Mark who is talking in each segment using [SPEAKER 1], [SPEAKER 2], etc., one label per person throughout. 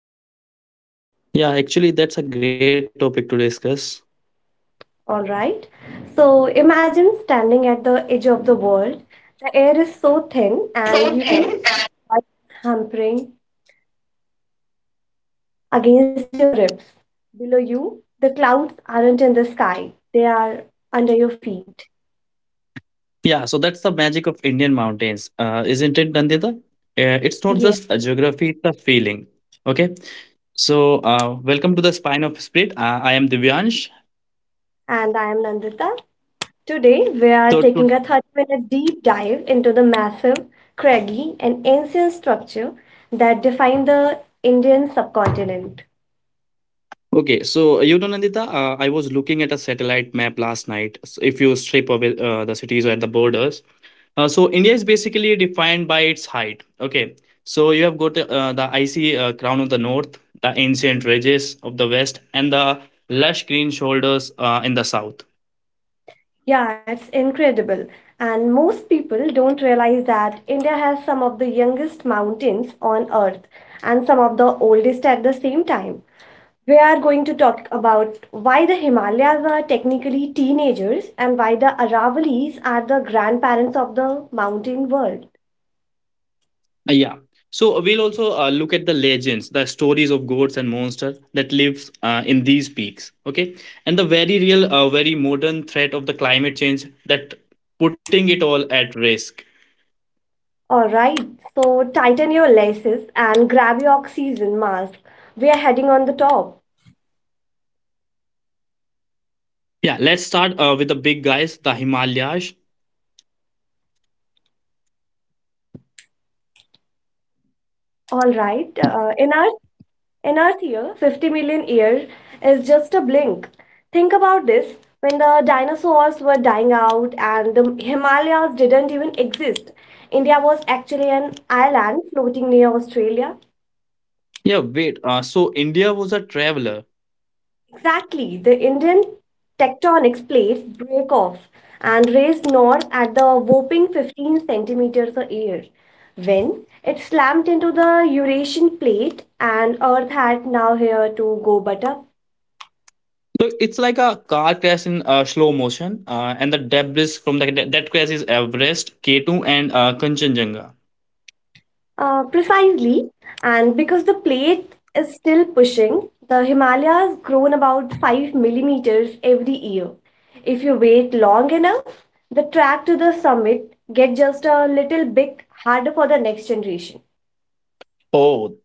[SPEAKER 1] spirit.
[SPEAKER 2] Yeah, actually, that's a great topic to discuss.
[SPEAKER 1] All right. So, imagine standing at the edge of the world. The air is so thin and you can
[SPEAKER 2] Okay.
[SPEAKER 1] feel blood hampering against your ribs. Below you, the clouds aren't in the sky. They are under your feet.
[SPEAKER 2] Yeah, so that's the magic of Indian mountains, isn't it, Nandita? It's not
[SPEAKER 1] Yes.
[SPEAKER 2] just a geography, it's a feeling. Okay, so welcome to the Spine of Spirit. I am Divyansh.
[SPEAKER 1] And I am Nandita. Today, we are
[SPEAKER 2] So to,
[SPEAKER 1] taking a 30-minute deep dive into the massive, craggy, and ancient structure that define the Indian subcontinent.
[SPEAKER 2] okay, so Nandita, I was looking at a satellite map last night. So if you strip away the cities at the borders, so India is basically defined by its height. Okay, so you have got the icy crown of the north, the ancient ridges of the west, and the lush green shoulders in the south.
[SPEAKER 1] Yeah, it's incredible. And most people don't realize that India has some of the youngest mountains on earth and some of the oldest at the same time. We are going to talk about why the Himalayas are technically teenagers and why the Aravalis are the grandparents of the mountain world.
[SPEAKER 2] Yeah. So we'll also look at the legends, the stories of gods and monsters that live in these peaks. Okay, and the very real, very modern threat of the climate change that putting it all at risk.
[SPEAKER 1] All right, so tighten your laces and grab your oxygen mask. We are heading on the top.
[SPEAKER 2] Yeah, let's start with the big guys, the Himalayas.
[SPEAKER 1] All right, in our in Earth year, 50 million years is just a blink. Think about this: when the dinosaurs were dying out and the Himalayas didn't even exist, India was actually an island floating near Australia.
[SPEAKER 2] Yeah, wait. So India was a traveler.
[SPEAKER 1] Exactly. The Indian tectonic plates break off and raise north at the whopping 15 centimeters a year. When it slammed into the Eurasian plate, and Earth had now here to go but up.
[SPEAKER 2] So it's like a car crash in slow motion, and the debris from the, that that crash is Everest, K2, and Kanchenjunga.
[SPEAKER 1] Precisely. And because the plate is still pushing, the Himalayas grown about 5 millimeters every year. If you wait long enough, the track to the summit get just a little bit harder for the next generation.
[SPEAKER 2] Oh.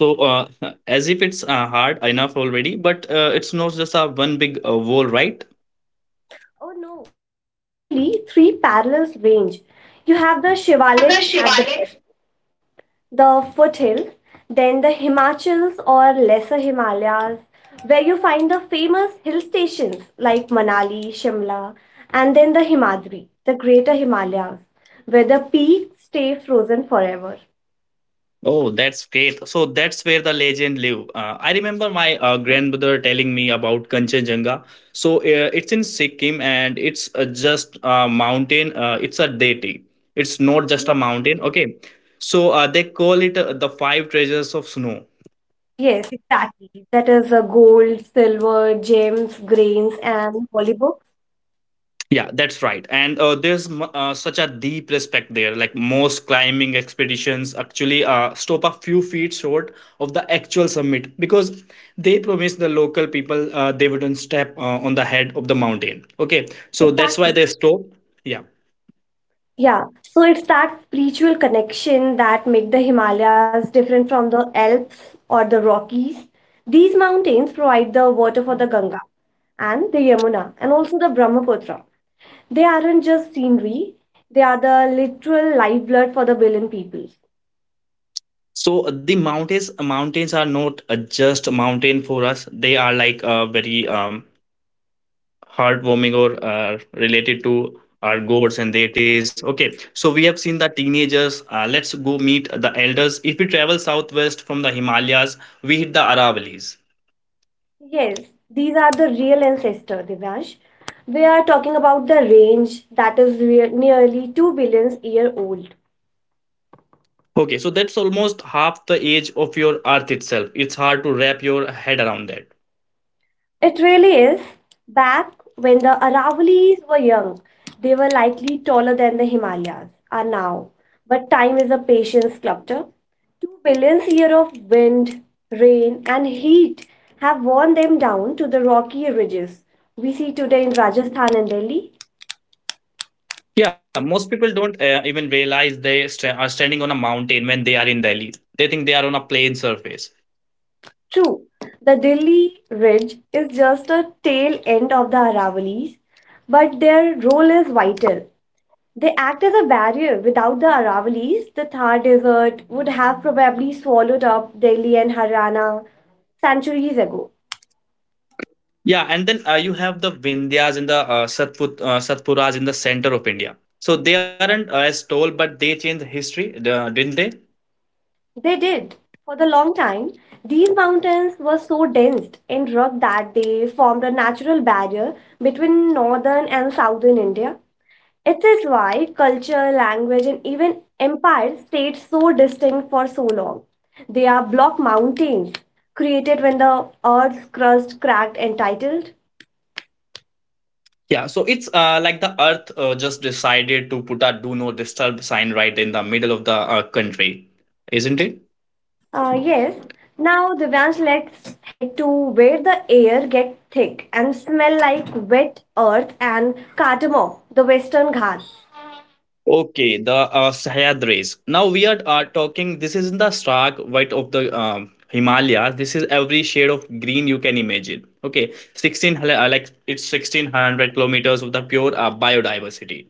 [SPEAKER 2] So as if it's hard enough already, but it's not just a one big wall, right?
[SPEAKER 1] Oh no. It's actually three parallel range. You have the Shivaliks at the bottom, the foothills, then the Himachals or Lesser Himalayas, where you find the famous hill stations like Manali, Shimla, and then the Himadri, the Greater Himalayas, where the peaks stay frozen forever.
[SPEAKER 2] Oh, that's great. So that's where the legend live. I remember my grandmother telling me about Kanchenjunga. So it's in Sikkim and it's just a mountain. It's a deity. It's not just a
[SPEAKER 1] Yeah.
[SPEAKER 2] mountain. Okay. So they call it the five treasures of snow.
[SPEAKER 1] Yes, exactly. That is gold, silver, gems, grains, and holy books.
[SPEAKER 2] Yeah, that's right. And there's such a deep respect there. Like most climbing expeditions actually stop a few feet short of the actual summit because they promise the local people they wouldn't step on the head of the mountain. Okay, so that's why
[SPEAKER 1] Exactly.
[SPEAKER 2] they stop. Yeah.
[SPEAKER 1] Yeah, so it's that spiritual connection that make the Himalayas different from the Alps or the Rockies. These mountains provide the water for the Ganga and the Yamuna and also the Brahmaputra. They aren't just scenery, they are the literal lifeblood for the billion people.
[SPEAKER 2] So the mountains are not just mountain for us. They are like a very heartwarming or related to our gods and deities. Okay, so we have seen the teenagers. Let's go meet the elders. If we travel southwest from the Himalayas, we hit the Aravalis.
[SPEAKER 1] Yes, these are the real ancestor, Divyansh. We are talking about the range that is nearly 2 billion year old.
[SPEAKER 2] Okay, so that's almost half the age of your earth itself. It's hard to wrap your head around that.
[SPEAKER 1] It really is. Back when the Aravali's were young, they were likely taller than the Himalayas are now. But time is a patient sculptor. 2 billion years of wind, rain, and heat have worn them down to the rocky ridges we see today in Rajasthan and Delhi.
[SPEAKER 2] Yeah, most people don't even realize they are standing on a mountain when they are in Delhi. They think they are on a plain surface.
[SPEAKER 1] True, the Delhi ridge is just a tail end of the Aravali's, but their role is vital. They act as a barrier. Without the Aravali's, the Thar Desert would have probably swallowed up Delhi and Haryana centuries ago.
[SPEAKER 2] Yeah, and then you have the Vindhyas and the Satpuras in the center of India. So they aren't as tall, but they changed history, didn't they?
[SPEAKER 1] They did. For the long time, these mountains were so dense and rugged that they formed a natural barrier between northern and southern India. It is why culture, language, and even empires stayed so distinct for so long. They are block mountains created when the earth's crust cracked and titled.
[SPEAKER 2] Yeah, so it's like the earth just decided to put a do not disturb sign right in the middle of the country, isn't it?
[SPEAKER 1] Yes. Now, Divyansh, let's head to where the air get thick and smell like wet earth and cardamom, the Western Ghats.
[SPEAKER 2] Okay, the Sahyadris. Now we are talking. This is in the stark white of the Himalayas. This is every shade of green you can imagine. Okay, like it's 1,600 kilometers of the pure biodiversity.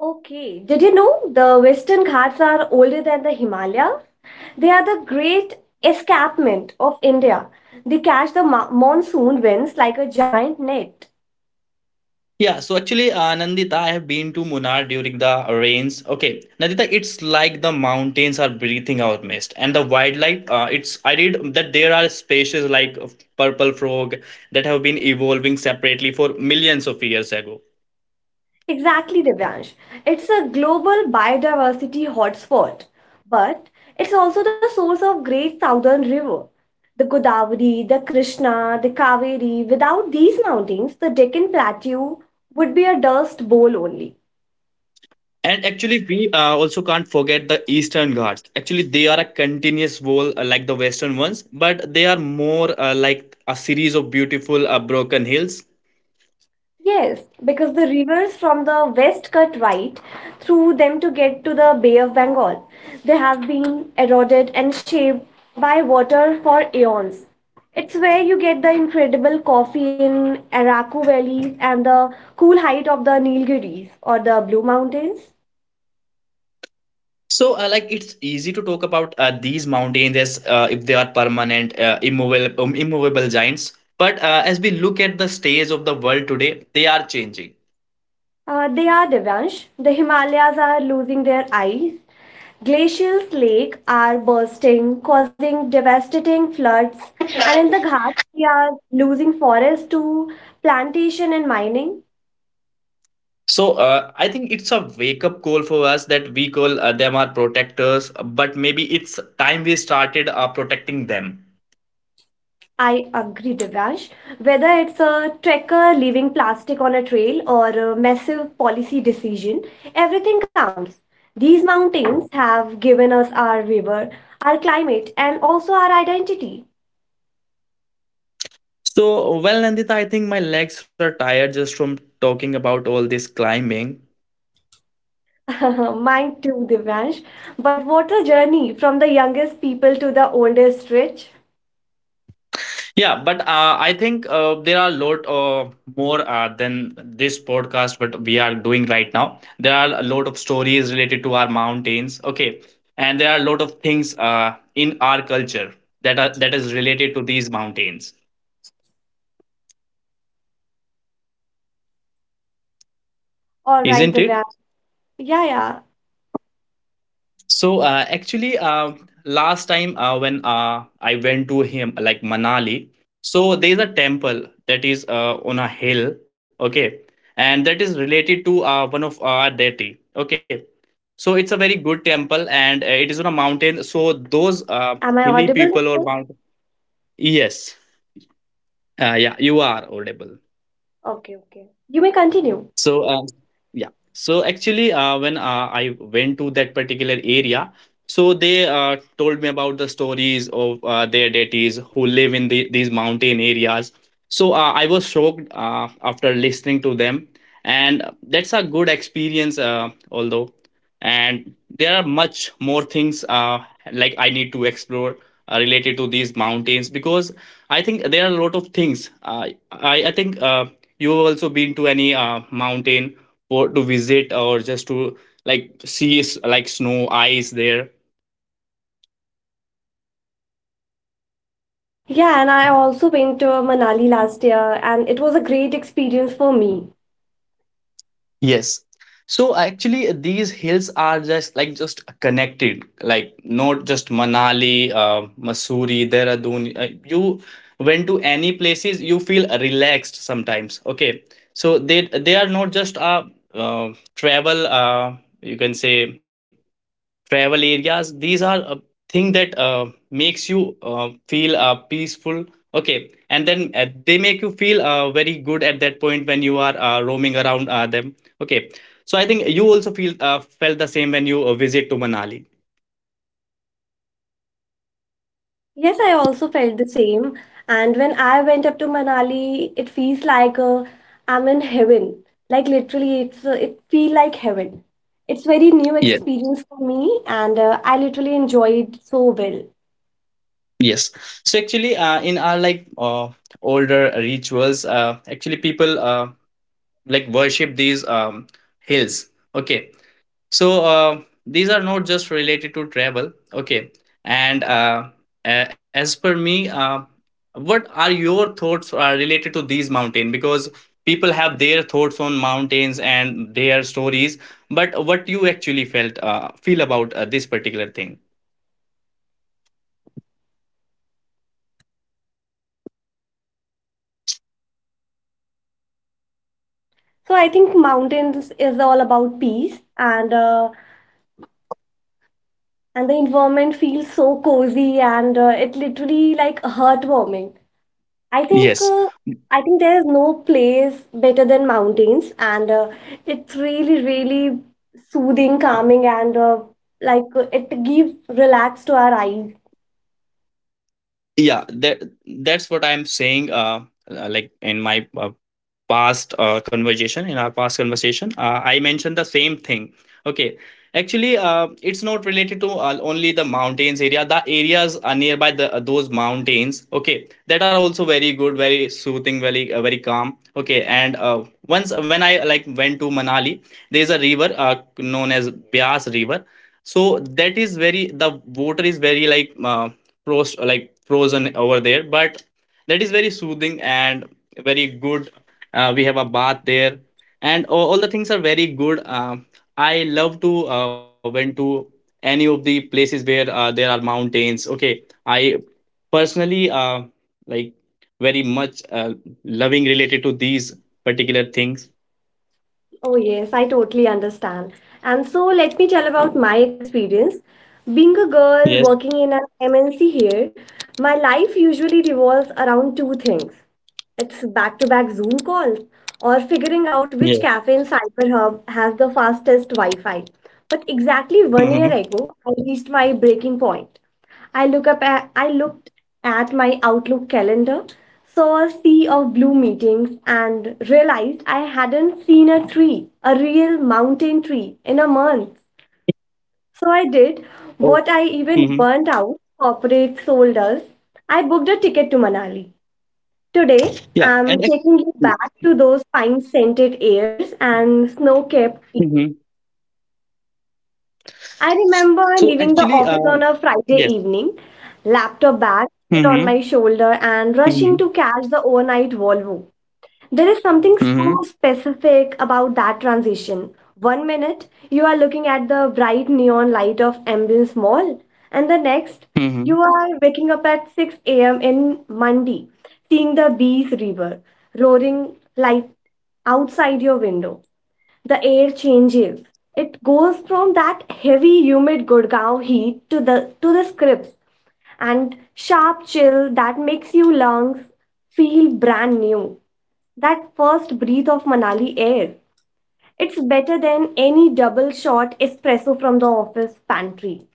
[SPEAKER 1] Okay. Did you know the Western Ghats are older than the Himalayas? They are the great escarpment of India. They catch the monsoon winds like a giant net.
[SPEAKER 2] Yeah, so actually, Nandita, I have been to Munnar during the rains. Okay, Nandita, it's like the mountains are breathing out mist, and the wildlife. It's I read that there are species like of purple frog that have been evolving separately for millions of years ago.
[SPEAKER 1] Exactly, Divyansh. It's a global biodiversity hotspot, but it's also the source of great southern river. The Godavari, the Krishna, the Kaveri. Without these mountains, the Deccan Plateau would be a dust bowl only.
[SPEAKER 2] And actually, we also can't forget the Eastern Ghats. Actually, they are a continuous wall like the Western ones, but they are more like a series of beautiful broken hills.
[SPEAKER 1] Yes, because the rivers from the west cut right through them to get to the Bay of Bengal. They have been eroded and shaped by water for eons. It's where you get the incredible coffee in Araku Valley and the cool height of the Nilgiris or the Blue Mountains.
[SPEAKER 2] So, like, it's easy to talk about these mountains as if they are permanent, immovable giants. But as we look at the stage of the world today, they are changing.
[SPEAKER 1] They are Devansh. The Himalayas are losing their eyes. Glaciers, lake are bursting, causing devastating floods. And in the Ghats, we are losing forest to plantation and mining.
[SPEAKER 2] So I think it's a wake up call for us that we call them our protectors, but maybe it's time we started protecting them.
[SPEAKER 1] I agree, Devansh. Whether it's a trekker leaving plastic on a trail or a massive policy decision, everything counts. These mountains have given us our river, our climate, and also our identity.
[SPEAKER 2] So well, Nandita, I think my legs are tired just from talking about all this climbing.
[SPEAKER 1] Mine too, Divyansh. But what a journey from the youngest people to the oldest rich.
[SPEAKER 2] Yeah, but I think there are a lot more than this podcast what we are doing right now. There are a lot of stories related to our mountains. Okay, and there are a lot of things in our culture that is related to these mountains,
[SPEAKER 1] All
[SPEAKER 2] isn't
[SPEAKER 1] right,
[SPEAKER 2] it?
[SPEAKER 1] Divyansh. Yeah, yeah.
[SPEAKER 2] So actually, last time when I went to him, like Manali, so there is a temple that is on a hill,
[SPEAKER 1] Reconnecting.
[SPEAKER 2] okay, and that is related to one of our deity, okay. So it's a very good temple, and it is on a mountain. So those
[SPEAKER 1] Am I
[SPEAKER 2] hilly
[SPEAKER 1] audible?
[SPEAKER 2] people or mountain, yes, yeah, you are audible.
[SPEAKER 1] Okay, okay. You may continue.
[SPEAKER 2] So, yeah. So actually, when I went to that particular area, so they told me about the stories of their deities who live in these mountain areas. So I was shocked after listening to them, and that's a good experience, although. And there are much more things like I need to explore related to these mountains because I think there are a lot of things. I think. You have also been to any mountain for to visit or just to like see like snow ice there.
[SPEAKER 1] Yeah, and I also went to Manali last year, and it was a great experience for me.
[SPEAKER 2] Yes. So actually, these hills are just like just connected, like not just Manali, Mussoorie, Dehradun. You went to any places, you feel relaxed sometimes. Okay, so they are not just a uh, travel. You can say travel areas, these are a thing that makes you feel peaceful, okay, and then they make you feel very good at that point when you are roaming around them, okay, so I think you also feel felt the same when you visit to Manali.
[SPEAKER 1] Yes, I also felt the same. And when I went up to Manali, it feels like I'm in heaven. Like literally, it feel like heaven. It's very new
[SPEAKER 2] Yes,
[SPEAKER 1] experience for me, and I literally enjoyed so well.
[SPEAKER 2] yes. So actually in our like older rituals, actually people like worship these hills, okay. So these are not just related to travel, okay? And as per me, what are your thoughts related to these mountain? Because people have their thoughts on mountains and their stories, but what you actually felt feel about this particular thing?
[SPEAKER 1] So I think mountains is all about peace, and the environment feels so cozy, and it literally like heartwarming. I think
[SPEAKER 2] Yes.
[SPEAKER 1] uh, I think there is no place better than mountains, and it's really, really soothing, calming, and it gives relax to our eyes.
[SPEAKER 2] Yeah, that's what I'm saying. Like in in our past conversation, I mentioned the same thing. Okay, actually, it's not related to only the mountains area. The areas are nearby the those mountains. Okay, that are also very good, very soothing, very calm. Okay, and once when I like went to Manali, there's a river known as Bias River. So that is very, the water is very like. Frost like frozen over there, but that is very soothing and very good. We have a bath there, and all the things are very good. I love to went to any of the places where there are mountains, okay. I personally like very much, loving related to these particular things.
[SPEAKER 1] Oh yes, I totally understand. And so let me tell about my experience. Being a
[SPEAKER 2] Yes.
[SPEAKER 1] girl working in an MNC here, my life usually revolves around two things. It's back-to-back Zoom call or figuring out
[SPEAKER 2] Yeah.
[SPEAKER 1] which cafe in CyberHub has the fastest Wi-Fi. But exactly one year
[SPEAKER 2] Mm-hmm.
[SPEAKER 1] ago, I reached my breaking point. I looked at my Outlook calendar, saw a sea of blue meetings, and realized I hadn't seen a tree, a real mountain tree, in a month. So I did
[SPEAKER 2] Oh.
[SPEAKER 1] what I even
[SPEAKER 2] Hmm.
[SPEAKER 1] burnt out corporate soul does. I booked a ticket to Manali. Today,
[SPEAKER 2] Yeah
[SPEAKER 1] I'm taking you back to those pine scented airs and snow capped peaks.
[SPEAKER 2] Mhm.
[SPEAKER 1] I
[SPEAKER 2] so
[SPEAKER 1] remember
[SPEAKER 2] actually
[SPEAKER 1] leaving the office on a Friday evening, laptop bag
[SPEAKER 2] yes.
[SPEAKER 1] still on my shoulder,
[SPEAKER 2] Mhm.
[SPEAKER 1] and rushing to catch the overnight Volvo. There is something
[SPEAKER 2] Mhm.
[SPEAKER 1] so specific about that transition. One minute, you are looking at the bright neon light of Ambience Mall, and the next,
[SPEAKER 2] Mhm.
[SPEAKER 1] you are waking up at 6 a.m. in Mandi, seeing the Bees River roaring light outside your window. The air changes. It goes from that heavy, humid Gurgaon heat to the scripts and sharp chill that makes your lungs feel brand new. That first breath of Manali air. It's better than any double shot espresso from the office pantry.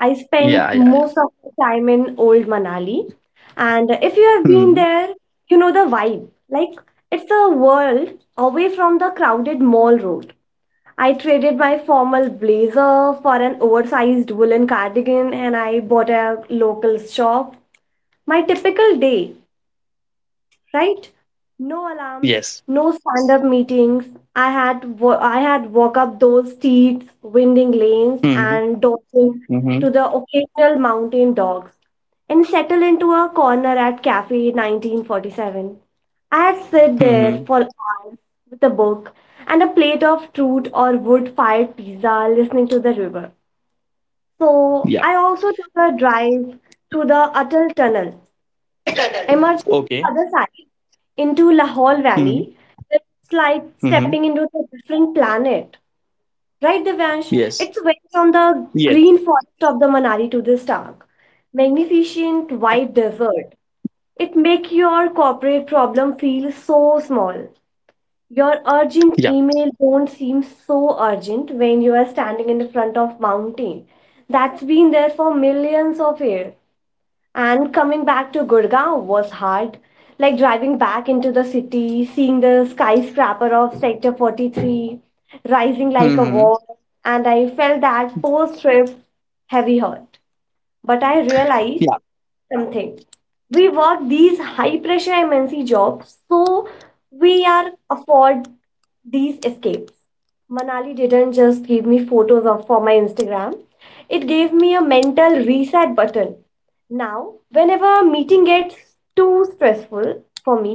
[SPEAKER 1] I
[SPEAKER 2] Yeah,
[SPEAKER 1] spent
[SPEAKER 2] yeah, yeah.
[SPEAKER 1] most of the time in old Manali. And if you have
[SPEAKER 2] Mhm.
[SPEAKER 1] been there, you know the vibe. Like, it's a world away from the crowded mall road. I traded my formal blazer for an oversized woolen cardigan and I bought a local shop. My typical day right? No alarms,
[SPEAKER 2] Yes.
[SPEAKER 1] no stand-up meetings. I had walk up those streets, winding lanes,
[SPEAKER 2] Mhm.
[SPEAKER 1] and dodging
[SPEAKER 2] Mhm.
[SPEAKER 1] to the occasional mountain dogs, and settle into a corner at Cafe 1947. I had sit there
[SPEAKER 2] Mhm.
[SPEAKER 1] for hours with a book and a plate of truth or wood-fired pizza, listening to the river.
[SPEAKER 2] Yeah.
[SPEAKER 1] So I also took a drive to the Atal Tunnel Emerging
[SPEAKER 2] Okay.
[SPEAKER 1] on the other side into Lahore
[SPEAKER 2] Mhm.
[SPEAKER 1] Valley, it's like
[SPEAKER 2] Mhm.
[SPEAKER 1] stepping into a different planet. Right, Devansh?
[SPEAKER 2] Yes.
[SPEAKER 1] It's went from the
[SPEAKER 2] Yes.
[SPEAKER 1] green forest of the Manali to this dark, magnificent white desert. It make your corporate problem feel so small. Your urgent
[SPEAKER 2] Yeah.
[SPEAKER 1] email don't seem so urgent when you are standing in the front of mountain that's been there for millions of years. And coming back to Gurgaon was hard. Like driving back into the city, seeing the skyscraper of Sector 43 rising like a
[SPEAKER 2] Mhm.
[SPEAKER 1] wall, and I felt that post trip heavy hurt. But I
[SPEAKER 2] Yeah.
[SPEAKER 1] realized something. We work these high pressure MNC jobs, so we are afford these escapes. Manali didn't just give me photos of for my Instagram. It gave me a mental reset button. Now, whenever a meeting gets too stressful for me,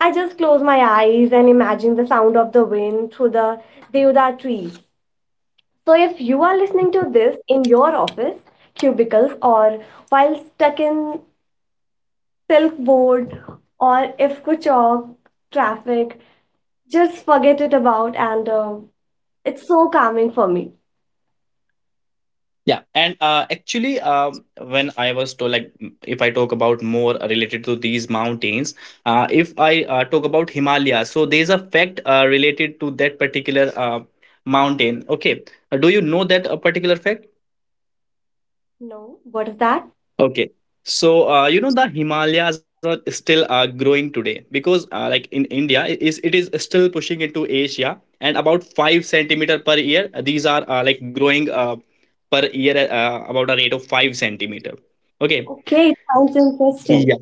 [SPEAKER 1] I just close my eyes and imagine the sound of the wind through the deodar trees. So, if you are listening to this in your office, cubicles, or while stuck in silk board, or if kuchok, traffic, just forget it about. And it's so calming for me.
[SPEAKER 2] Yeah. And actually, when I was told, like, if I talk about more related to these mountains, if I talk about Himalaya, so there's a fact related to that particular mountain. Okay. Do you know that a particular fact?
[SPEAKER 1] No, what is that?
[SPEAKER 2] Okay. So you know the Himalayas are still growing today because like in India it is still pushing into Asia and about 5 centimeter per year, these are like growing, per year, about a rate of 5 centimeter. Okay.
[SPEAKER 1] Okay, it sounds interesting,
[SPEAKER 2] Yeah.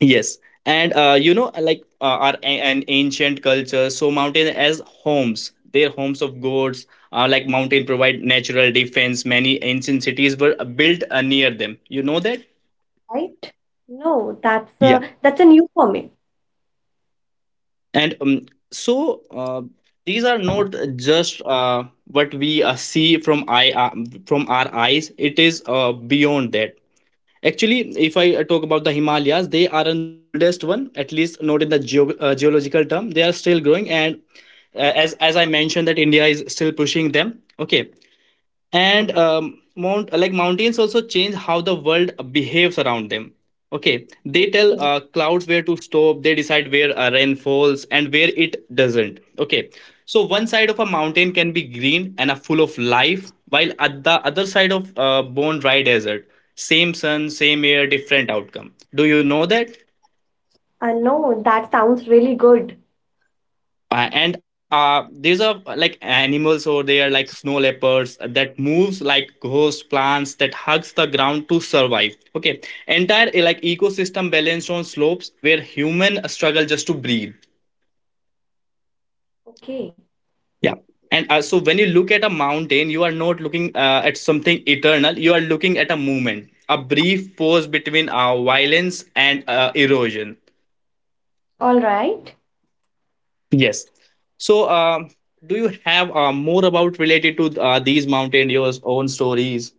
[SPEAKER 2] Yes. And you know like our an ancient culture, so mountain as homes their homes of gods, like mountain provide natural defense, many ancient cities were built near them, you know that?
[SPEAKER 1] right? No,
[SPEAKER 2] Yeah.
[SPEAKER 1] that's a new for me.
[SPEAKER 2] And so these are not just what we see from our eyes. It is beyond that. Actually, if I talk about the Himalayas, they are in the oldest one, at least not in the geological term. They are still growing, and as I mentioned, that India is still pushing them. Okay, and mountains also change how the world behaves around them. Okay, they tell
[SPEAKER 1] Okay.
[SPEAKER 2] clouds where to stop. They decide where rain falls, and where it doesn't. Okay. So one side of a mountain can be green and a full of life, while at the other side of bone dry desert. Same sun, same air, different outcome. Do you know that?
[SPEAKER 1] No, that sounds really good.
[SPEAKER 2] And these are like animals, or they are like snow leopards that moves like ghost, plants that hugs the ground to survive. Okay. Entire ecosystem balanced on slopes where human struggle just to breathe.
[SPEAKER 1] Okay,
[SPEAKER 2] Yeah. And so when you look at a mountain, you are not looking at something eternal. You are looking at a movement, a brief pause between violence and erosion.
[SPEAKER 1] all right.
[SPEAKER 2] Yes. So, do you have more about related to these mountaineers' own stories?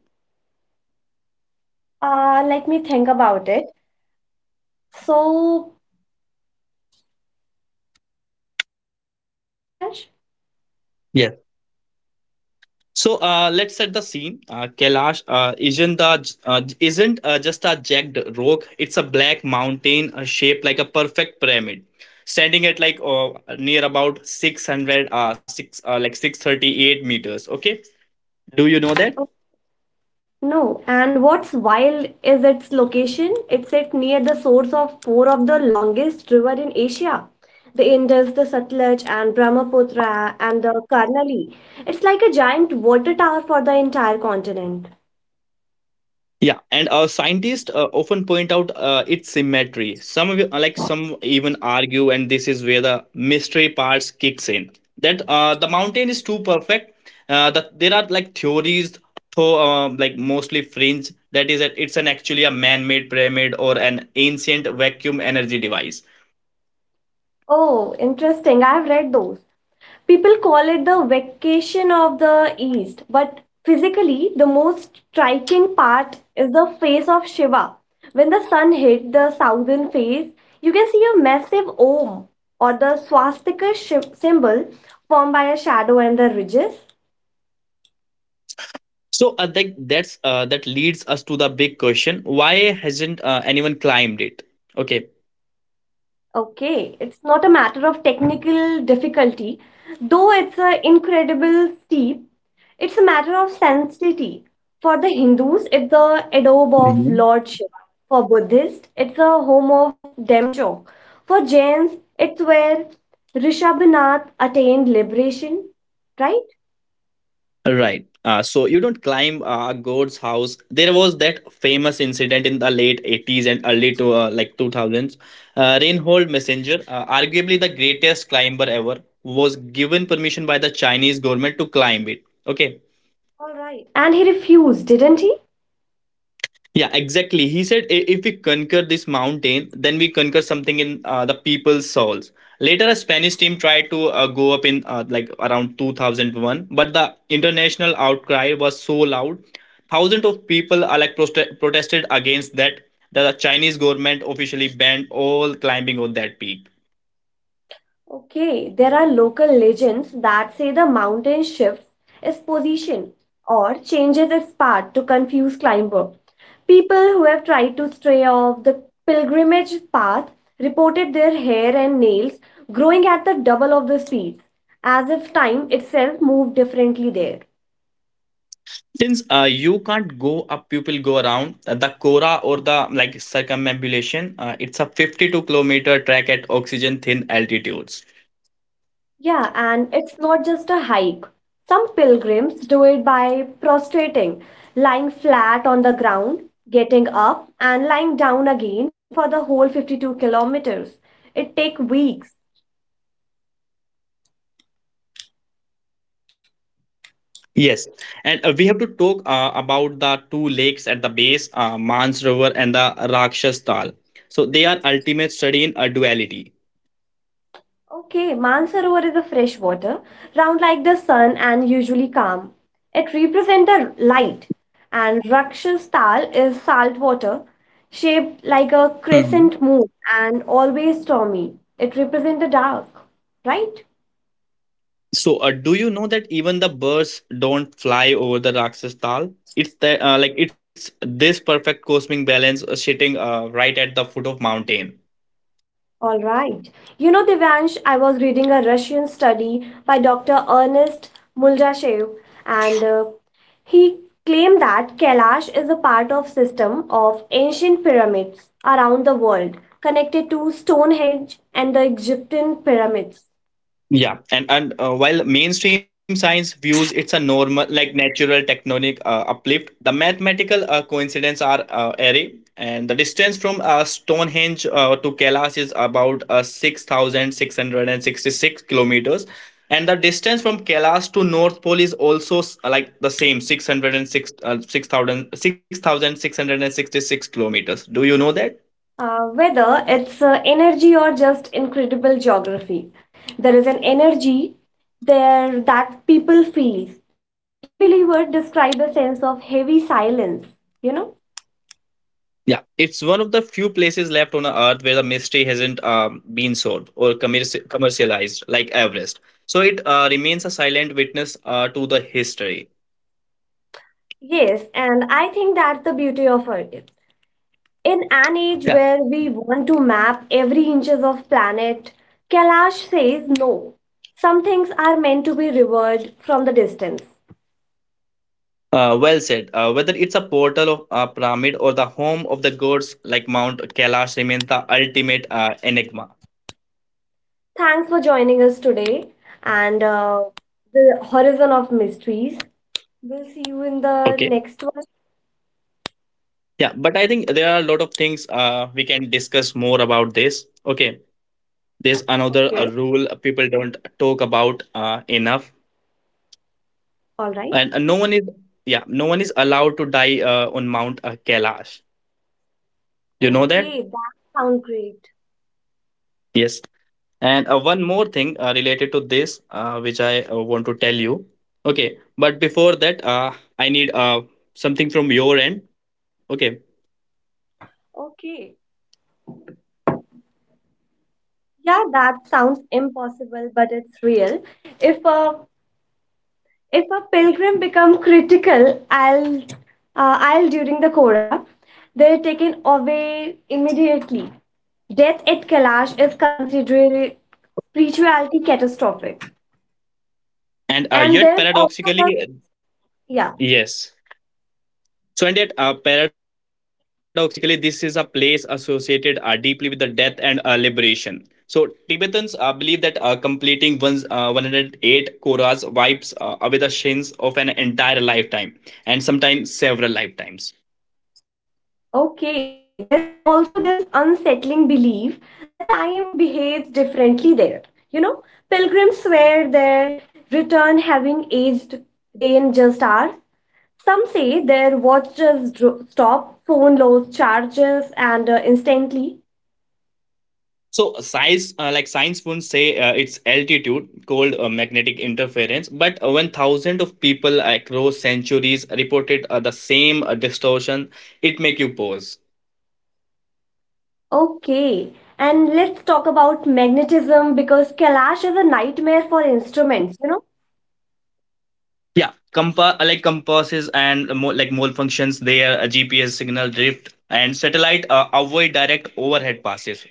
[SPEAKER 1] Let me think about it. So, audible, Divash?
[SPEAKER 2] Yes. So, let's set the scene. Kailash isn't just a jagged rock. It's a black mountain, shaped like a perfect pyramid, standing at near about 600 six 638 meters. Okay. Do you know that?
[SPEAKER 1] No, and what's wild is its location. It's set near the source of four of the longest river in Asia. The Indus, the Satluj, and Brahmaputra, and the Karnali. It's like a giant water tower for the entire continent.
[SPEAKER 2] Yeah, and scientists often point out its symmetry. Some of you- like some even argue, and this is where the mystery parts kicks in. That the mountain is too perfect. That there are like theories, though mostly fringe. That is, that it's an actually a man-made pyramid or an ancient vacuum energy device.
[SPEAKER 1] Oh, interesting. I've read those. People call it the vacation of the East, but physically, the most striking part is the face of Shiva. When the sun hit the southern face, you can see a massive Om or the symbol formed by a shadow and the ridges.
[SPEAKER 2] So, that leads us to the big question: why hasn't anyone climbed it? Okay.
[SPEAKER 1] Okay, it's not a matter of technical difficulty, though it's an incredible steep. It's a matter of sanctity. For the Hindus, it's the adobe of lordship. For Buddhists, it's a home of Demcho. For Jains, it's where Rishabhanath attained liberation. Right?
[SPEAKER 2] Right. So you don't climb God's house. There was that famous incident in the late 80s and early to 2000s. Reinhold Messenger, arguably the greatest climber ever, was given permission by the Chinese government to climb it. Okay.
[SPEAKER 1] All right. And he refused, didn't he?
[SPEAKER 2] Yeah, exactly. He said, If we conquer this mountain, then we conquer something in the people's souls." Later, a Spanish team tried to go up in around 2001, but the international outcry was so loud. Thousands of people are like protested against that the Chinese government officially banned all climbing on that peak.
[SPEAKER 1] Okay, there are local legends that say the mountain shifts its position or changes its path to confuse climber. People who have tried to stray off the pilgrimage path reported their hair and nails growing at the double of the speed, as if time itself moved differently there.
[SPEAKER 2] Since you can't go up, people go around. The Cora, or the like circumambulation, it's a 52-kilometer trek at oxygen thin altitudes.
[SPEAKER 1] Yeah, and it's not just a hike. Some pilgrims do it by prostrating, lying flat on the ground, getting up, and lying down again for the whole 52 kilometers. It takes weeks.
[SPEAKER 2] Yes, and we have to talk about the two lakes at the base, Mansrovar and the Rakshas Tal. So they are ultimate study in a duality.
[SPEAKER 1] Okay, Mansarovar is a fresh water, round like the sun and usually calm. It represents the light, and Rakshastal is salt water, shaped like a crescent
[SPEAKER 2] Mhm.
[SPEAKER 1] moon and always stormy. It represents the dark, right?
[SPEAKER 2] So, do you know that even the birds don't fly over the Rakshas Tal? It's the like it's this perfect cosmic balance, sitting right at the foot of mountain.
[SPEAKER 1] All right. You know, Devansh, I was reading a Russian study by Dr. Ernest Muldashev, and he claimed that Kailash is a part of system of ancient pyramids around the world, connected to Stonehenge and the Egyptian pyramids.
[SPEAKER 2] Yeah, and while mainstream science views it's a normal, like natural tectonic uplift, the mathematical coincidence are array, and the distance from Stonehenge to Kailash is about 6,666 kilometers, and the distance from Kailash to North Pole is also the same 606 six thousand six thousand six hundred and sixty-six kilometers. Do you know that?
[SPEAKER 1] Whether it's energy or just incredible geography, there is an energy there that people feel. Even non-believers describe a sense of heavy silence. You know.
[SPEAKER 2] Yeah, it's one of the few places left on Earth where the mystery hasn't been solved or commercialized, like Everest. So it remains a silent witness to the history.
[SPEAKER 1] Yes, and I think that's the beauty of Earth. In an age
[SPEAKER 2] Yeah,
[SPEAKER 1] where we want to map every inches of planet, Kailash says no. Some things are meant to be revered from the distance.
[SPEAKER 2] uh, well said. Whether it's a portal of a pyramid or the home of the gods, like Mount Kailash remains the ultimate enigma.
[SPEAKER 1] Thanks for joining us today and the horizon of mysteries. We'll see you in the
[SPEAKER 2] Okay.
[SPEAKER 1] next one.
[SPEAKER 2] Yeah, but I think there are a lot of things we can discuss more about this. Okay, there's another
[SPEAKER 1] Okay.
[SPEAKER 2] rule people don't talk about enough,
[SPEAKER 1] All right.
[SPEAKER 2] and no one is allowed to die on Mount Kailash. You know that?
[SPEAKER 1] Okay, that sounds great.
[SPEAKER 2] Yes. And one more thing related to this, which I want to tell you. Okay, but before that, I need something from your end. Okay.
[SPEAKER 1] Okay. Yeah, that sounds impossible, but it's real. If uh, if a pilgrim become critical, I'll I'll during the korah, they're taken away immediately. Death at kailash is considered spirituality catastrophic.
[SPEAKER 2] And
[SPEAKER 1] And
[SPEAKER 2] yet
[SPEAKER 1] there's also the,
[SPEAKER 2] paradoxically.
[SPEAKER 1] yeah.
[SPEAKER 2] Yes. So, and yet, paradoxically, this is a place associated deeply with the death and liberation. So, Tibetans believe that completing one's 108 koras wipes away the sins of an entire lifetime, and sometimes several lifetimes.
[SPEAKER 1] Okay, there is also this unsettling belief that time behaves differently there, you know. Pilgrims swear their return having aged day and just hours. Some say their stop, phone lows charges, and instantly.
[SPEAKER 2] So, size like science won't say it's altitude called magnetic interference, but when thousands of people across centuries reported the same distortion, it make you pause.
[SPEAKER 1] Okay, and let's talk about magnetism because Kailash is a nightmare for instruments, you know.
[SPEAKER 2] Yeah, compasses and mo like mole functions, their GPS signal drift and satellite avoid direct overhead passes.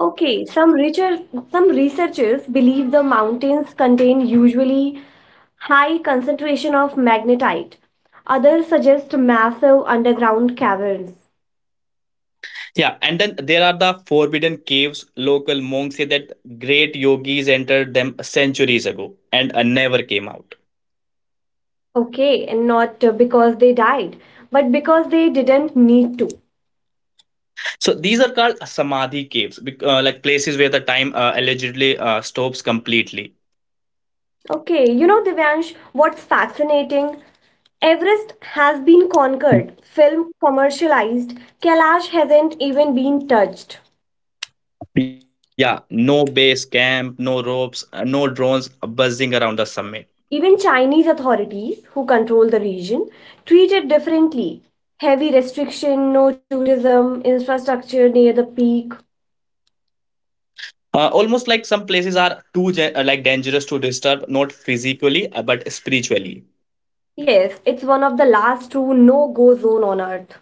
[SPEAKER 1] Okay, some researchers believe the mountains contain usually high concentration of magnetite. Others suggest massive underground caverns.
[SPEAKER 2] Yeah, and then there are the forbidden caves. Local monks say that great yogis entered them centuries ago and never came out.
[SPEAKER 1] Okay, and not because they died, but because they didn't need to.
[SPEAKER 2] So these are called samadhi caves, places where the time allegedly stops completely.
[SPEAKER 1] Okay, you know, Divyansh, what's fascinating? Everest has been conquered,
[SPEAKER 2] Mm.
[SPEAKER 1] film commercialized, Kailash hasn't even been touched.
[SPEAKER 2] Yeah, no base camp, no ropes, no drones buzzing around the summit.
[SPEAKER 1] Even Chinese authorities, who control the region, treat it differently. Heavy restriction, no tourism, infrastructure near the peak.
[SPEAKER 2] Almost like some places are too dangerous to disturb, not physically but spiritually.
[SPEAKER 1] Yes, it's one of the last true no go zone on Earth.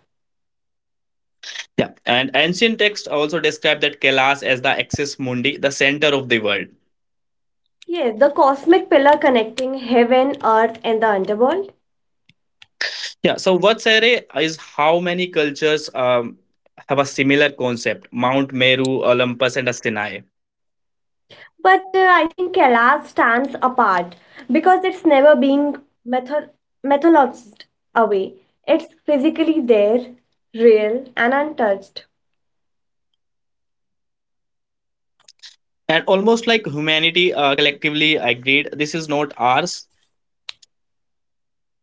[SPEAKER 2] Yeah, and ancient texts also describe that Kailas as the axis mundi, the center of the world.
[SPEAKER 1] Yes, the cosmic pillar connecting heaven, Earth, and the underworld.
[SPEAKER 2] Yeah, so Vatsare is how many cultures have a similar concept: Mount Meru, Olympus, and a Sinai.
[SPEAKER 1] But I think Kailash stands apart because it's never being method methodologized away. It's physically there, real, and untouched.
[SPEAKER 2] And almost like humanity collectively agreed, this is not ours.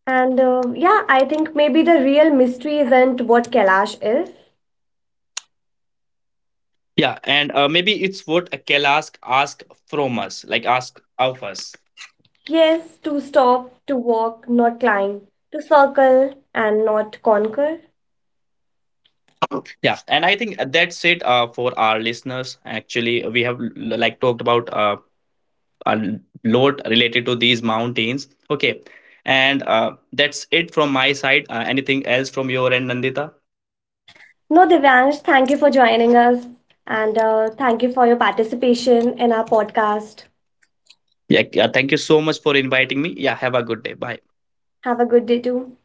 [SPEAKER 1] And yeah, I think maybe the real mystery isn't what Kailash is.
[SPEAKER 2] Yeah, and maybe it's what Kailas ask from us, like ask of us.
[SPEAKER 1] Yes, to stop, to walk, not climb, to circle and not conquer.
[SPEAKER 2] Yeah, and I think that's it for our listeners. Actually, we have talked about a lot related to these mountains. Okay, and that's it from my side. Anything else from your end, Nandita?
[SPEAKER 1] No, Divyansh, thank you for joining us. And thank you for your participation in our podcast.
[SPEAKER 2] Yeah, yeah, thank you so much for inviting me. Yeah, have a good day. Bye.
[SPEAKER 1] Have a good day too.